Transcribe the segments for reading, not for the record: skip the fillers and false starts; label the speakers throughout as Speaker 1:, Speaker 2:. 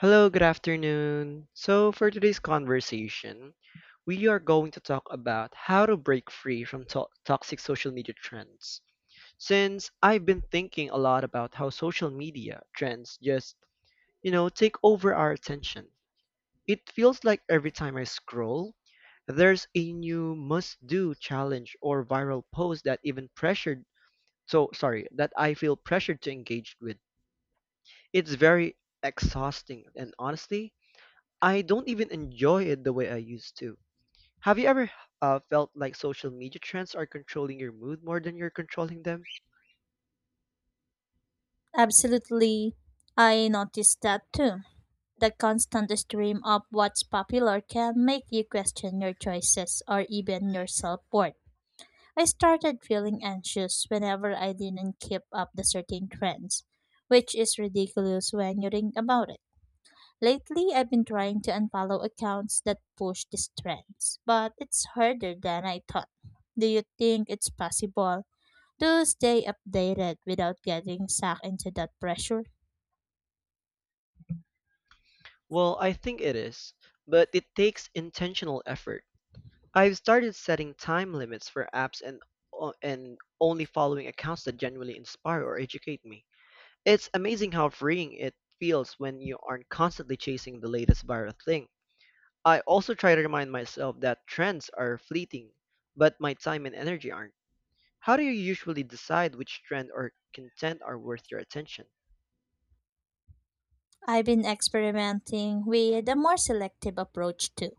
Speaker 1: Hello, good afternoon. So, for today's conversation, we are going to talk about how to break free from toxic social media trends. Since I've been thinking a lot about how social media trends just, you know, take over our attention. It feels like every time I scroll, there's a new must-do challenge or viral post that even pressured, so sorry, that I feel pressured to engage with. It's very exhausting and honestly, I don't even enjoy it the way I used to. Have you ever felt like social media trends are controlling your mood more than you're controlling them?
Speaker 2: Absolutely. I noticed that too. The constant stream of what's popular can make you question your choices or even your self worth. I started feeling anxious whenever I didn't keep up the certain trends, which is ridiculous when you think about it. Lately, I've been trying to unfollow accounts that push these trends, but it's harder than I thought. Do you think it's possible to stay updated without getting sucked into that pressure?
Speaker 1: Well, I think it is, but it takes intentional effort. I've started setting time limits for apps and only following accounts that genuinely inspire or educate me. It's amazing how freeing it feels when you aren't constantly chasing the latest viral thing. I also try to remind myself that trends are fleeting, but my time and energy aren't. How do you usually decide which trend or content are worth your attention?
Speaker 2: I've been experimenting with a more selective approach too.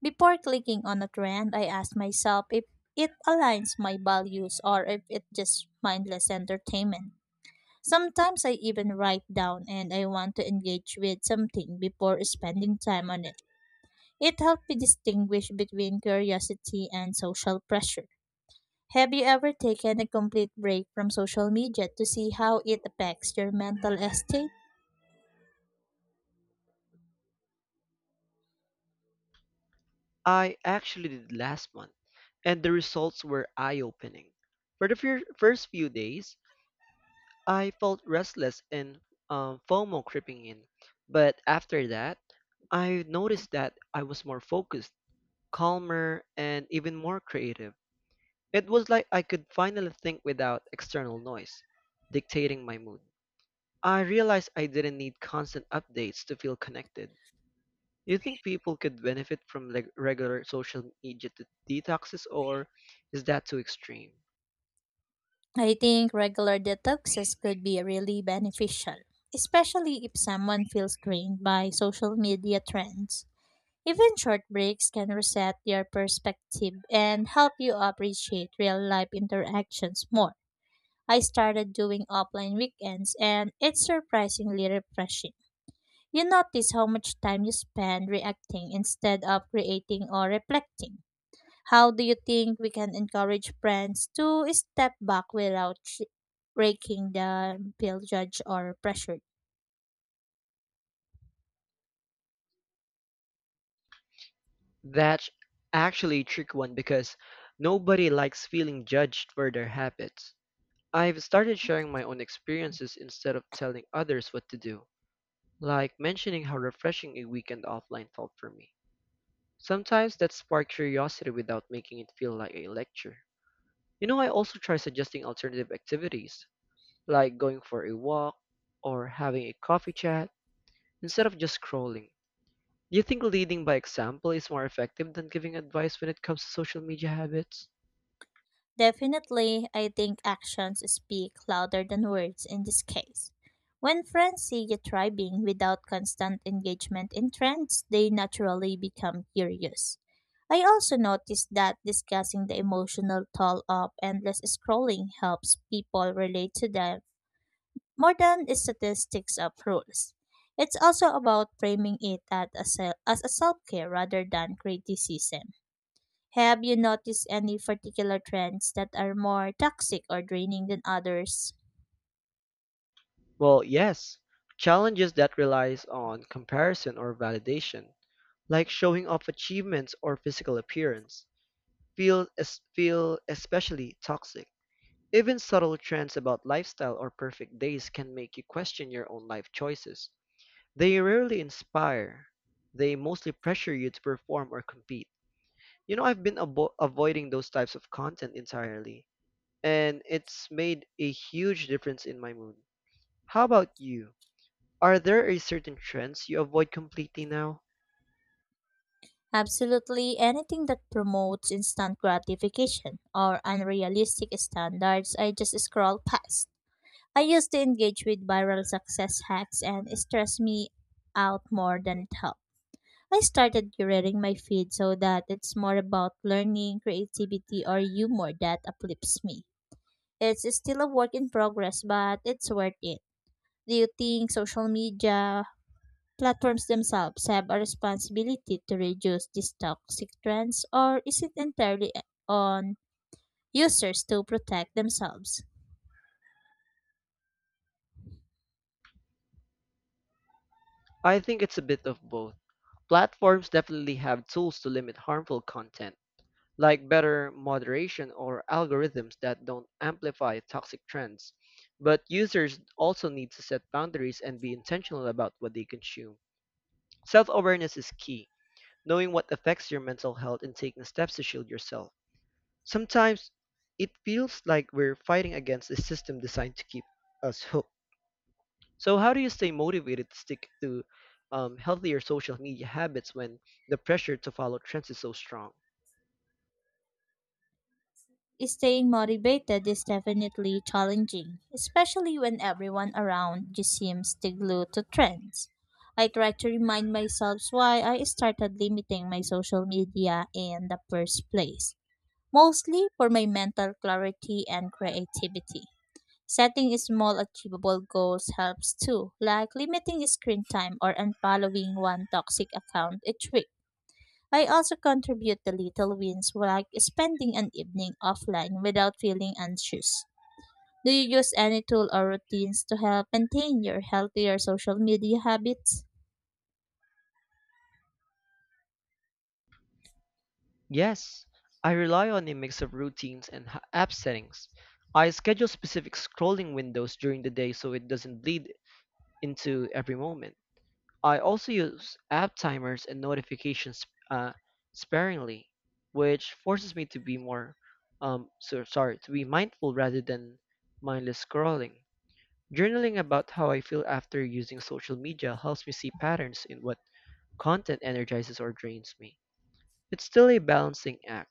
Speaker 2: Before clicking on a trend, I ask myself if it aligns my values or if it's just mindless entertainment. Sometimes I even write down and I want to engage with something before spending time on it. It helped me distinguish between curiosity and social pressure. Have you ever taken a complete break from social media to see how it affects your mental state?
Speaker 1: I actually did last month, and the results were eye-opening. For the first few days, I felt restless and FOMO creeping in, but after that, I noticed that I was more focused, calmer, and even more creative. It was like I could finally think without external noise dictating my mood. I realized I didn't need constant updates to feel connected. Do you think people could benefit from like regular social media detoxes, or is that too extreme?
Speaker 2: I think regular detoxes could be really beneficial, especially if someone feels drained by social media trends. Even short breaks can reset your perspective and help you appreciate real life interactions more. I started doing offline weekends and it's surprisingly refreshing. You notice how much time you spend reacting instead of creating or reflecting. How do you think we can encourage friends to step back without breaking the feel judged or pressured?
Speaker 1: That's actually a tricky one because nobody likes feeling judged for their habits. I've started sharing my own experiences instead of telling others what to do, like mentioning how refreshing a weekend offline felt for me. Sometimes that sparks curiosity without making it feel like a lecture. You know, I also try suggesting alternative activities, like going for a walk or having a coffee chat instead of just scrolling. Do you think leading by example is more effective than giving advice when it comes to social media habits?
Speaker 2: Definitely, I think actions speak louder than words in this case. When friends see you thriving without constant engagement in trends, they naturally become curious. I also noticed that discussing the emotional toll of endless scrolling helps people relate to them more than statistics of rules. It's also about framing it at a as a self care rather than criticism. Have you noticed any particular trends that are more toxic or draining than others?
Speaker 1: Well, yes. Challenges that relies on comparison or validation, like showing off achievements or physical appearance, feel especially toxic. Even subtle trends about lifestyle or perfect days can make you question your own life choices. They rarely inspire. They mostly pressure you to perform or compete. You know, I've been avoiding those types of content entirely, and it's made a huge difference in my mood. How about you? Are there a certain trends you avoid completely now?
Speaker 2: Absolutely anything that promotes instant gratification or unrealistic standards, I just scroll past. I used to engage with viral success hacks and it stressed me out more than it helped. I started curating my feed so that it's more about learning, creativity, or humor that uplifts me. It's still a work in progress, but it's worth it. Do you think social media platforms themselves have a responsibility to reduce these toxic trends, or is it entirely on users to protect themselves?
Speaker 1: I think it's a bit of both. Platforms definitely have tools to limit harmful content, like better moderation or algorithms that don't amplify toxic trends. But users also need to set boundaries and be intentional about what they consume. Self awareness is key, knowing what affects your mental health and taking steps to shield yourself. Sometimes it feels like we're fighting against a system designed to keep us hooked. So, how do you stay motivated to stick to healthier social media habits when the pressure to follow trends is so strong?
Speaker 2: Staying motivated is definitely challenging, especially when everyone around just seems to glue to trends. I try to remind myself why I started limiting my social media in the first place, mostly for my mental clarity and creativity. Setting small achievable goals helps too, like limiting screen time or unfollowing one toxic account each week. I also contribute the little wins like spending an evening offline without feeling anxious. Do you use any tool or routines to help maintain your healthier social media habits?
Speaker 1: Yes, I rely on a mix of routines app settings. I schedule specific scrolling windows during the day so it doesn't bleed into every moment. I also use app timers and notifications uh, sparingly, which forces me to be to be mindful rather than mindless scrolling. Journaling about how I feel after using social media helps me see patterns in what content energizes or drains me. It's still a balancing act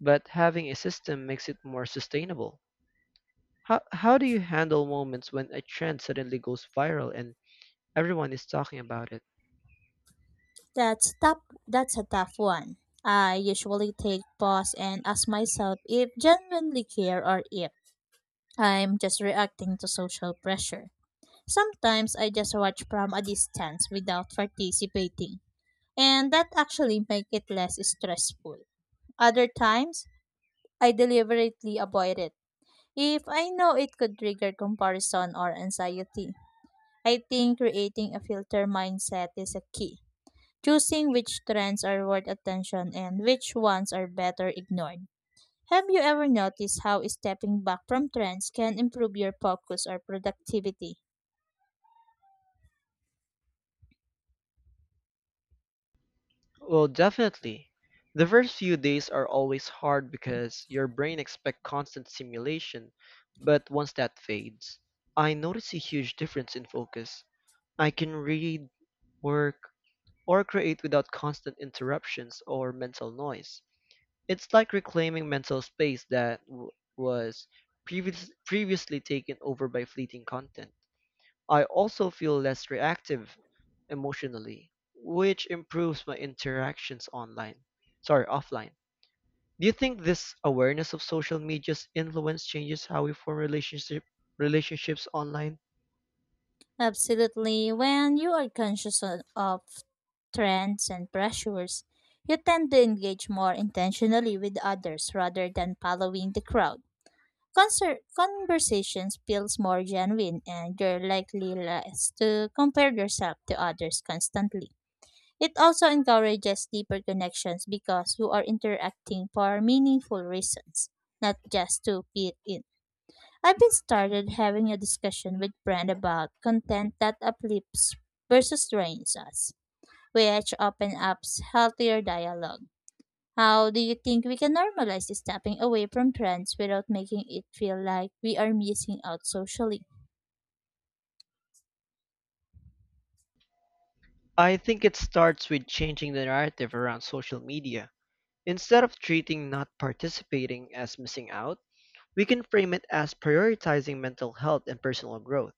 Speaker 1: but having a system makes it more sustainable. How do you handle moments when a trend suddenly goes viral and everyone is talking about it?
Speaker 2: That's tough. That's a tough one. I usually take pause and ask myself if genuinely care or if I'm just reacting to social pressure. Sometimes I just watch from a distance without participating, and that actually make it less stressful. Other times, I deliberately avoid it if I know it could trigger comparison or anxiety. I think creating a filter mindset is a key. Choosing which trends are worth attention and which ones are better ignored. Have you ever noticed how stepping back from trends can improve your focus or productivity?
Speaker 1: Well, definitely. The first few days are always hard because your brain expects constant stimulation, but once that fades, I notice a huge difference in focus. I can read, work, or create without constant interruptions or mental noise. It's like reclaiming mental space that was previously taken over by fleeting content. I also feel less reactive emotionally, which improves my interactions online. Sorry, offline. Do you think this awareness of social media's influence changes how we form relationships online?
Speaker 2: Absolutely. When you are conscious of trends and pressures, you tend to engage more intentionally with others rather than following the crowd. Concert conversations feels more genuine and you're likely less to compare yourself to others constantly. It also encourages deeper connections because you are interacting for meaningful reasons, not just to fit in. I've been started having a discussion with Brand about content that uplifts versus drains us, which open up healthier dialogue. How do you think we can normalize stepping away from trends without making it feel like we are missing out socially?
Speaker 1: I think it starts with changing the narrative around social media. Instead of treating not participating as missing out, we can frame it as prioritizing mental health and personal growth,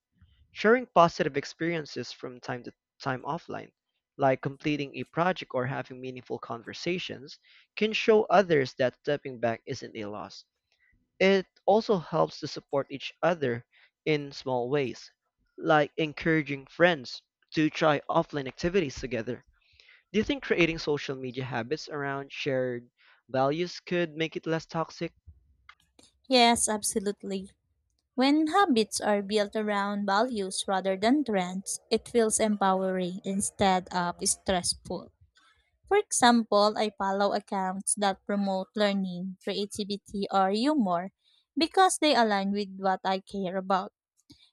Speaker 1: sharing positive experiences from time to time offline. Like completing a project or having meaningful conversations can show others that stepping back isn't a loss. It also helps to support each other in small ways, like encouraging friends to try offline activities together. Do you think creating social media habits around shared values could make it less toxic?
Speaker 2: Yes, absolutely. When habits are built around values rather than trends, it feels empowering instead of stressful. For example, I follow accounts that promote learning, creativity, or humor because they align with what I care about.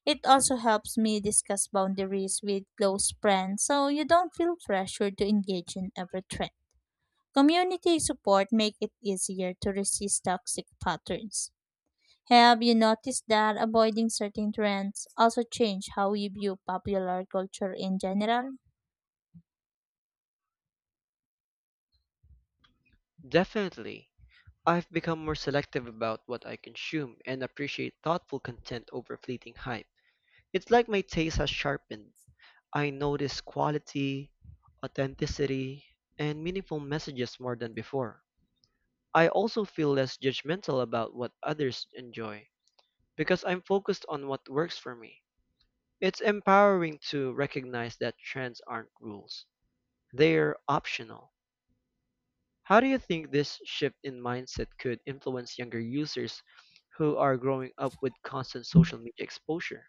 Speaker 2: It also helps me discuss boundaries with close friends so you don't feel pressured to engage in every trend. Community support make it easier to resist toxic patterns. Have you noticed that avoiding certain trends also change how you view popular culture in general?
Speaker 1: Definitely. I've become more selective about what I consume and appreciate thoughtful content over fleeting hype. It's like my taste has sharpened. I notice quality, authenticity, and meaningful messages more than before. I also feel less judgmental about what others enjoy because I'm focused on what works for me. It's empowering to recognize that trends aren't rules. They're optional. How do you think this shift in mindset could influence younger users who are growing up with constant social media exposure?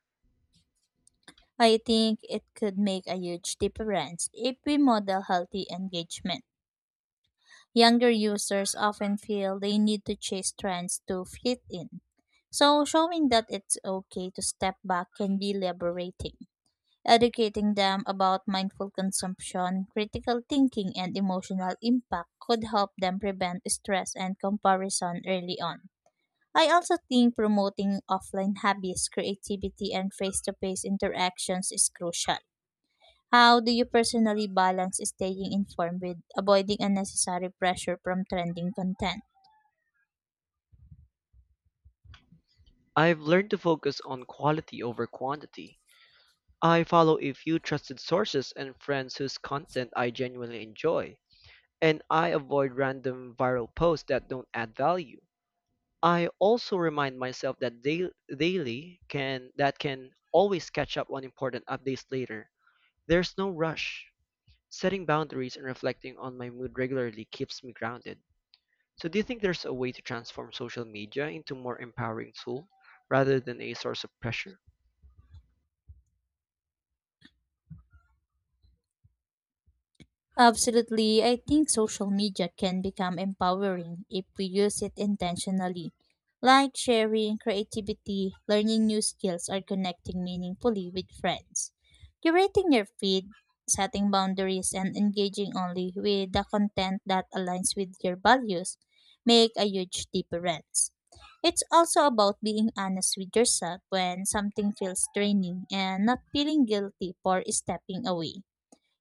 Speaker 2: I think it could make a huge difference if we model healthy engagement. Younger users often feel they need to chase trends to fit in. So, showing that it's okay to step back can be liberating. Educating them about mindful consumption, critical thinking, and emotional impact could help them prevent stress and comparison early on. I also think promoting offline hobbies, creativity, and face to face interactions is crucial. How do you personally balance staying informed with avoiding unnecessary pressure from trending content?
Speaker 1: I've learned to focus on quality over quantity. I follow a few trusted sources and friends whose content I genuinely enjoy, and I avoid random viral posts that don't add value. I also remind myself that daily can that can always catch up on important updates later. There's no rush. Setting boundaries and reflecting on my mood regularly keeps me grounded. So, do you think there's a way to transform social media into a more empowering tool rather than a source of pressure?
Speaker 2: Absolutely. I think social media can become empowering if we use it intentionally, like sharing creativity, learning new skills, or connecting meaningfully with friends. Curating your feed, setting boundaries, and engaging only with the content that aligns with your values make a huge difference. It's also about being honest with yourself when something feels draining and not feeling guilty for stepping away.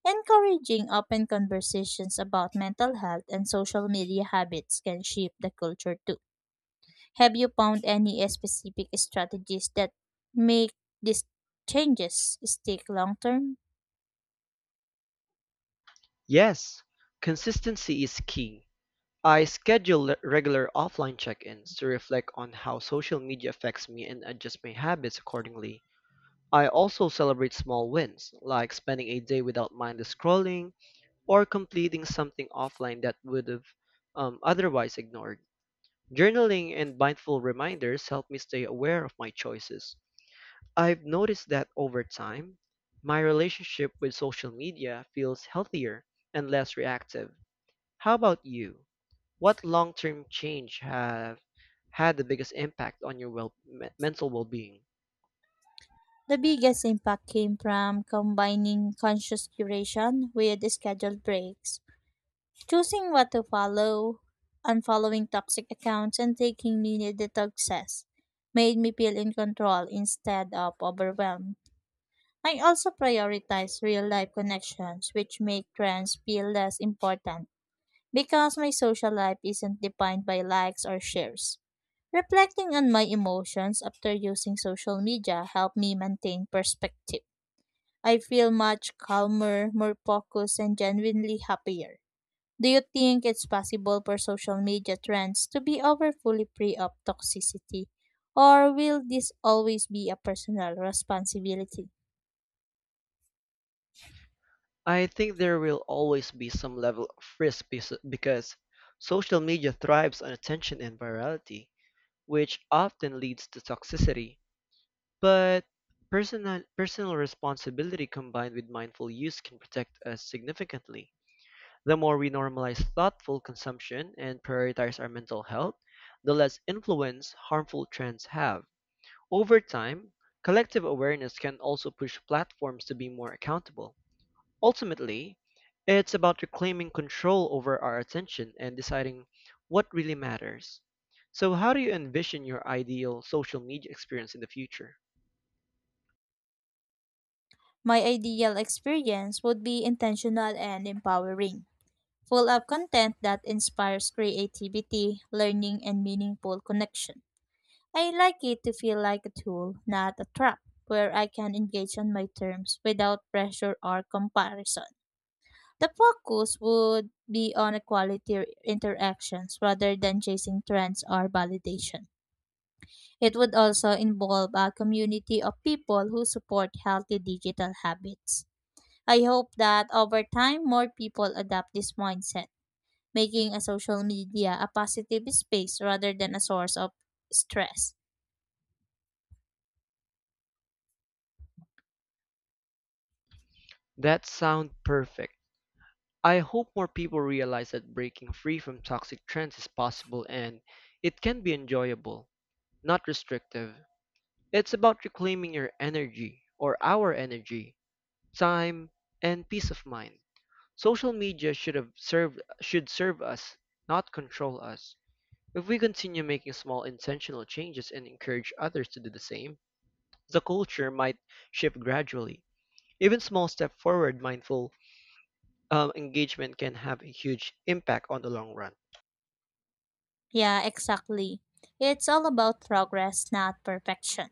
Speaker 2: Encouraging open conversations about mental health and social media habits can shape the culture too. Have you found any specific strategies that make these changes stick long term?
Speaker 1: Yes, consistency is key. I schedule regular offline check ins to reflect on how social media affects me and adjust my habits accordingly. I also celebrate small wins, like spending a day without mindless scrolling or completing something offline that would have otherwise ignored. Journaling and mindful reminders help me stay aware of my choices. I've noticed that over time, my relationship with social media feels healthier and less reactive. How about you? What long-term change have had the biggest impact on your mental well-being?
Speaker 2: The biggest impact came from combining conscious curation with scheduled breaks, choosing what to follow, unfollowing toxic accounts, and taking mini detoxes made me feel in control instead of overwhelmed. I also prioritize real life connections, which make trends feel less important because my social life isn't defined by likes or shares. Reflecting on my emotions after using social media helped me maintain perspective. I feel much calmer, more focused, and genuinely happier. Do you think it's possible for social media trends to be over fully free of toxicity, or will this always be a personal responsibility?
Speaker 1: I think there will always be some level of risk because social media thrives on attention and virality, which often leads to toxicity. But personal responsibility combined with mindful use can protect us significantly. The more we normalize thoughtful consumption and prioritize our mental health, the less influence harmful trends have. Over time, collective awareness can also push platforms to be more accountable. Ultimately, it's about reclaiming control over our attention and deciding what really matters. So, how do you envision your ideal social media experience in the future?
Speaker 2: My ideal experience would be intentional and empowering, full of content that inspires creativity, learning, and meaningful connection. I like it to feel like a tool, not a trap, where I can engage on my terms without pressure or comparison. The focus would be on quality interactions rather than chasing trends or validation. It would also involve a community of people who support healthy digital habits. I hope that over time, more people adopt this mindset, making a social media a positive space rather than a source of stress.
Speaker 1: That sounds perfect. I hope more people realize that breaking free from toxic trends is possible and it can be enjoyable, not restrictive. It's about reclaiming your energy, or our energy, time, and peace of mind. Social media should serve us, not control us. If we continue making small intentional changes and encourage others to do the same, the culture might shift gradually. Even small step forward mindful engagement can have a huge impact on the long run.
Speaker 2: Yeah, exactly. It's all about progress, not perfection.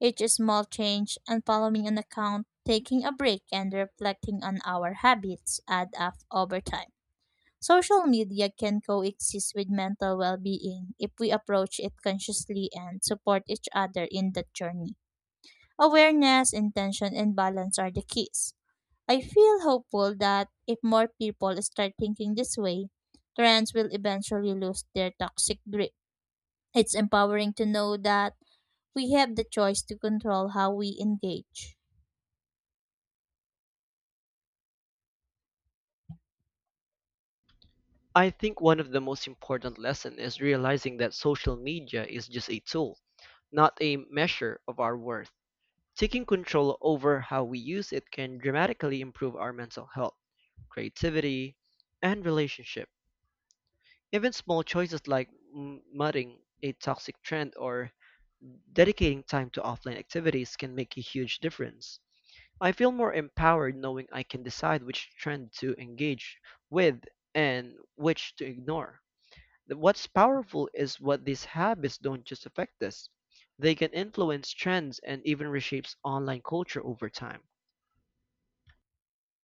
Speaker 2: Each small change, unfollowing an account, taking a break, and reflecting on our habits add up over time. Social media can coexist with mental well being if we approach it consciously and support each other in that journey. Awareness, intention, and balance are the keys. I feel hopeful that if more people start thinking this way, trends will eventually lose their toxic grip. It's empowering to know that we have the choice to control how we engage.
Speaker 1: I think one of the most important lessons is realizing that social media is just a tool, not a measure of our worth. Taking control over how we use it can dramatically improve our mental health, creativity, and relationship. Even small choices like mudding a toxic trend or dedicating time to offline activities can make a huge difference. I feel more empowered knowing I can decide which trend to engage with and which to ignore. What's powerful is what these habits don't just affect us, they can influence trends and even reshapes online culture over time.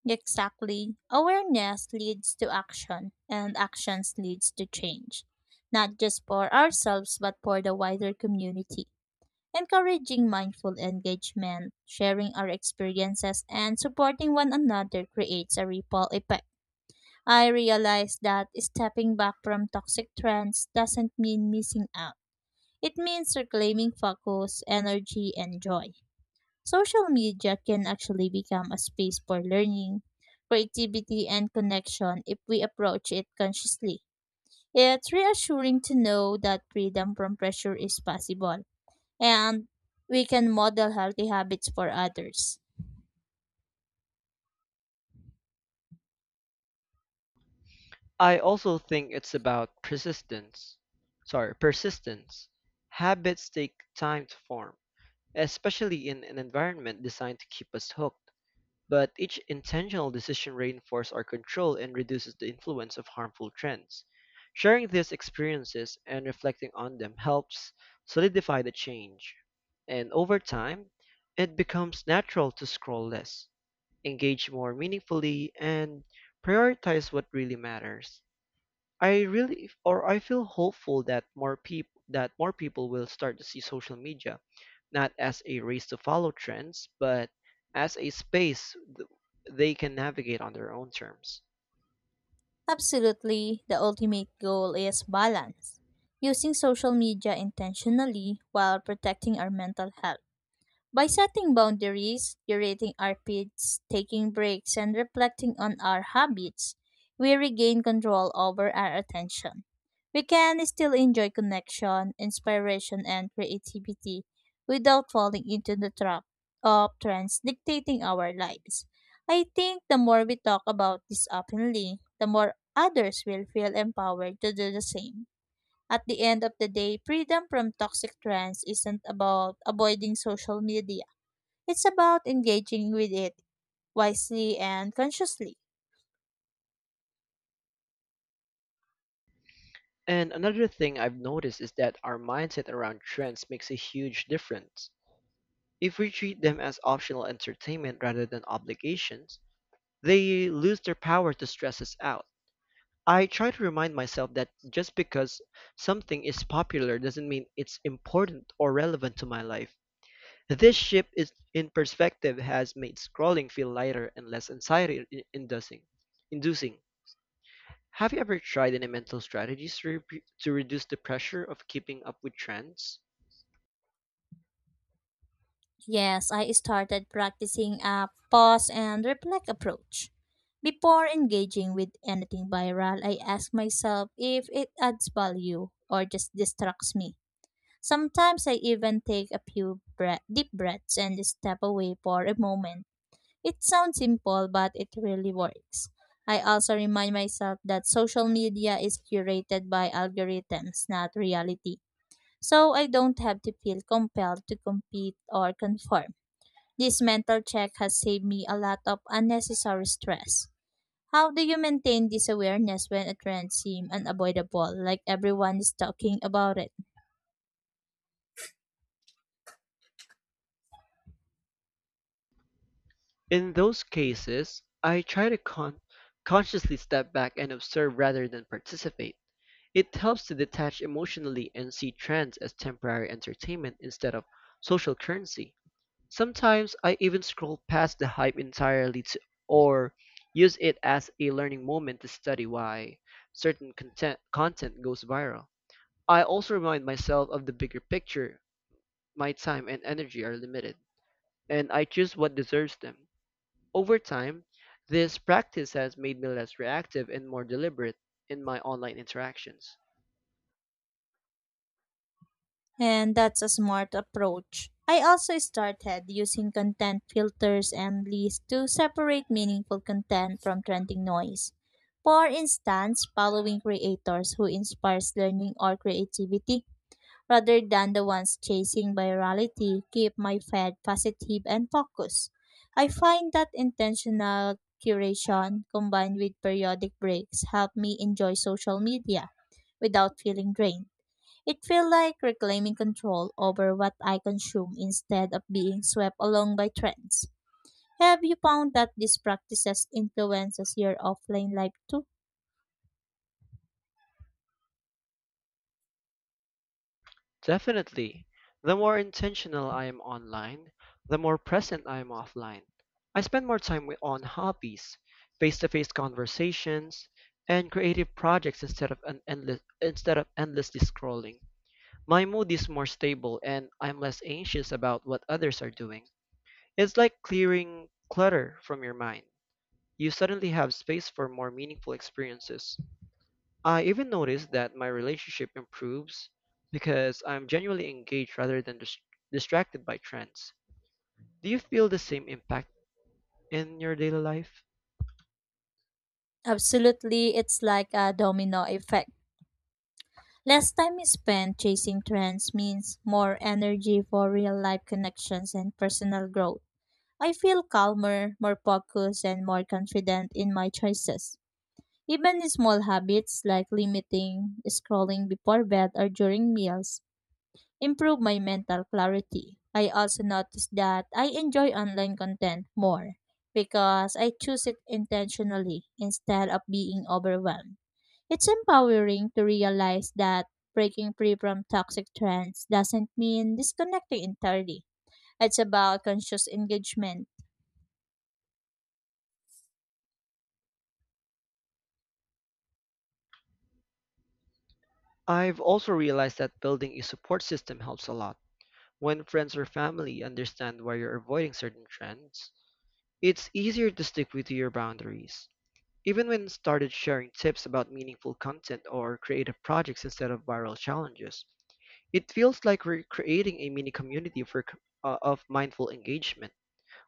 Speaker 2: Exactly. Awareness leads to action, and actions leads to change, not just for ourselves but for the wider community. Encouraging mindful engagement, sharing our experiences, and supporting one another creates a ripple effect. I realized that stepping back from toxic trends doesn't mean missing out. It means reclaiming focus, energy, and joy. Social media can actually become a space for learning, creativity, and connection if we approach it consciously. It's reassuring to know that freedom from pressure is possible and we can model healthy habits for others.
Speaker 1: I also think it's about persistence. Sorry, persistence. Habits take time to form, especially in an environment designed to keep us hooked. But each intentional decision reinforces our control and reduces the influence of harmful trends. Sharing these experiences and reflecting on them helps solidify the change. And over time, it becomes natural to scroll less, engage more meaningfully, and prioritize what really matters. I really or I feel hopeful that more people will start to see social media not as a race to follow trends, but as a space they can navigate on their own terms.
Speaker 2: Absolutely, the ultimate goal is balance, using social media intentionally while protecting our mental health. By setting boundaries, curating our feeds, taking breaks, and reflecting on our habits, we regain control over our attention. We can still enjoy connection, inspiration, and creativity without falling into the trap of trends dictating our lives. I think the more we talk about this openly, the more others will feel empowered to do the same. At the end of the day, freedom from toxic trends isn't about avoiding social media. It's about engaging with it wisely and consciously.
Speaker 1: And another thing I've noticed is that our mindset around trends makes a huge difference. If we treat them as optional entertainment rather than obligations, they lose their power to stress us out. I try to remind myself that just because something is popular doesn't mean it's important or relevant to my life. This shift is in perspective has made scrolling feel lighter and less anxiety I- inducing. Inducing. Have you ever tried any mental strategies to reduce the pressure of keeping up with trends?
Speaker 2: Yes, I started practicing a pause and reflect approach. Before engaging with anything viral, I ask myself if it adds value or just distracts me. Sometimes I even take a deep breaths and step away for a moment. It sounds simple, but it really works. I also remind myself that social media is curated by algorithms, not reality, so I don't have to feel compelled to compete or conform. This mental check has saved me a lot of unnecessary stress. How do you maintain this awareness when a trend seems unavoidable, like everyone is talking about it?
Speaker 1: In those cases, I try to consciously step back and observe rather than participate. It helps to detach emotionally and see trends as temporary entertainment instead of social currency. Sometimes I even scroll past the hype entirely, or use it as a learning moment to study why content goes viral. I also remind myself of the bigger picture. My time and energy are limited, and I choose what deserves them. Over time, this practice has made me less reactive and more deliberate in my online interactions.
Speaker 2: And that's a smart approach. I also started using content filters and lists to separate meaningful content from trending noise. For instance, following creators who inspires learning or creativity rather than the ones chasing virality keep my feed positive and focused. I find that intentional curation combined with periodic breaks help me enjoy social media without feeling drained. It feels like reclaiming control over what I consume instead of being swept along by trends. Have you found that these practices influences your offline life too?
Speaker 1: Definitely. The more intentional I am online, the more present I am offline. I spend more time on hobbies, face-to-face conversations, and creative projects instead of endlessly scrolling. My mood is more stable and I'm less anxious about what others are doing. It's like clearing clutter from your mind. You suddenly have space for more meaningful experiences. I even notice that my relationship improves because I'm genuinely engaged rather than distracted by trends. Do you feel the same impact in your daily life?
Speaker 2: Absolutely, it's like a domino effect. Less time spent chasing trends means more energy for real life connections and personal growth. I feel calmer, more focused, and more confident in my choices. Even small habits like limiting scrolling before bed or during meals improve my mental clarity. I also notice that I enjoy online content more because I choose it intentionally instead of being overwhelmed. It's empowering to realize that breaking free from toxic trends doesn't mean disconnecting entirely. It's about conscious engagement.
Speaker 1: I've also realized that building a support system helps a lot. When friends or family understand why you're avoiding certain trends, it's easier to stick with your boundaries. Even when started sharing tips about meaningful content or creative projects instead of viral challenges, it feels like we're creating a mini community of mindful engagement,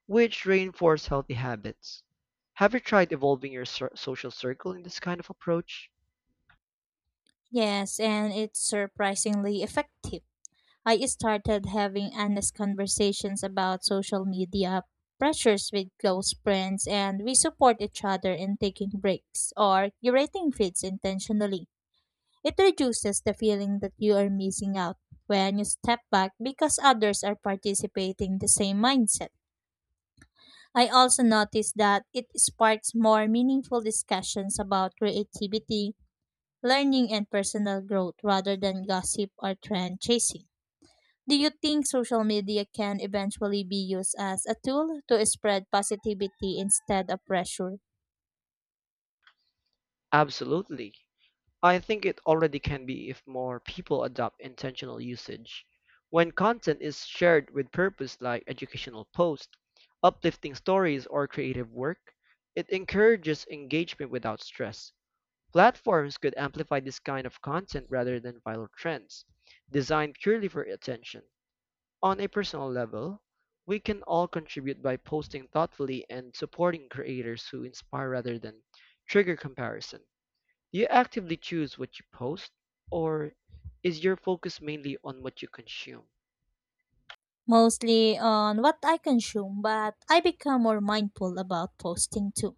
Speaker 1: which reinforce healthy habits. Have you tried evolving your social circle in this kind of approach?
Speaker 2: Yes, and it's surprisingly effective. I started having honest conversations about social media pressures with close friends, and we support each other in taking breaks or curating feeds intentionally. It reduces the feeling that you are missing out when you step back because others are participating the same mindset. I also noticed that it sparks more meaningful discussions about creativity, learning, and personal growth rather than gossip or trend chasing. Do you think social media can eventually be used as a tool to spread positivity instead of pressure?
Speaker 1: Absolutely. I think it already can be if more people adopt intentional usage. When content is shared with purpose, like educational posts, uplifting stories, or creative work, it encourages engagement without stress. Platforms could amplify this kind of content rather than viral trends, designed purely for attention. On a personal level, we can all contribute by posting thoughtfully and supporting creators who inspire rather than trigger comparison. Do you actively choose what you post, or is your focus mainly on what you consume?
Speaker 2: Mostly on what I consume, but I become more mindful about posting too.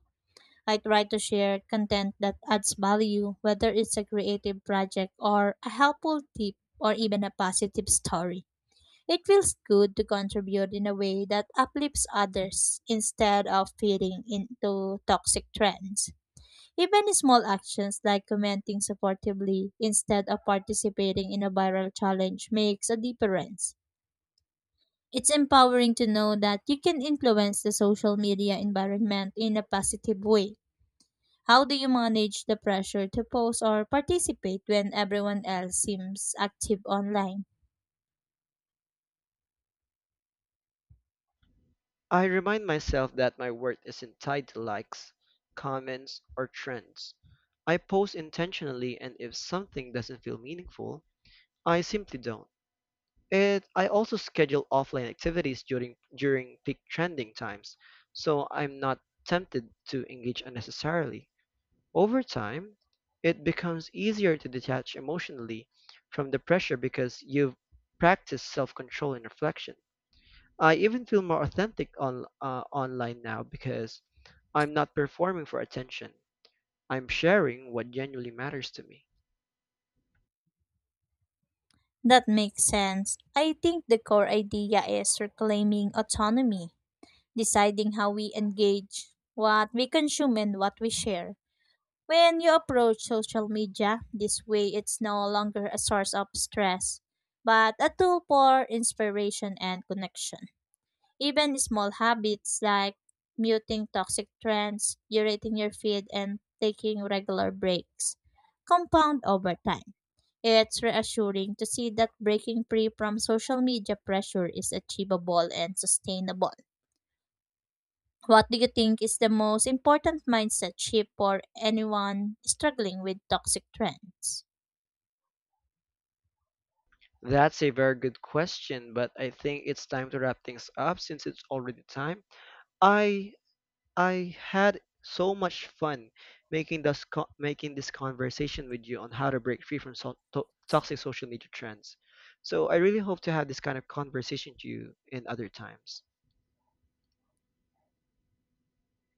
Speaker 2: I try to share content that adds value, whether it's a creative project or a helpful tip or even a positive story. It feels good to contribute in a way that uplifts others instead of feeding into toxic trends. Even small actions like commenting supportively instead of participating in a viral challenge makes a difference. It's empowering to know that you can influence the social media environment in a positive way. How do you manage the pressure to post or participate when everyone else seems active online?
Speaker 1: I remind myself that my worth isn't tied to likes, comments, or trends. I post intentionally, and if something doesn't feel meaningful, I simply don't. And I also schedule offline activities during peak trending times, so I'm not tempted to engage unnecessarily. Over time, it becomes easier to detach emotionally from the pressure because you've practiced self-control and reflection. I even feel more authentic on online now because I'm not performing for attention. I'm sharing what genuinely matters to me.
Speaker 2: That makes sense. I think the core idea is reclaiming autonomy, deciding how we engage, what we consume, and what we share. When you approach social media this way, it's no longer a source of stress, but a tool for inspiration and connection. Even small habits like muting toxic trends, curating your feed, and taking regular breaks compound over time. It's reassuring to see that breaking free from social media pressure is achievable and sustainable. What do you think is the most important mindset shift for anyone struggling with toxic trends?
Speaker 1: That's a very good question, but I think it's time to wrap things up since it's already time. I I had so much fun making this conversation with you on how to break free from toxic social media trends. So I really hope to have this kind of conversation to you in other times.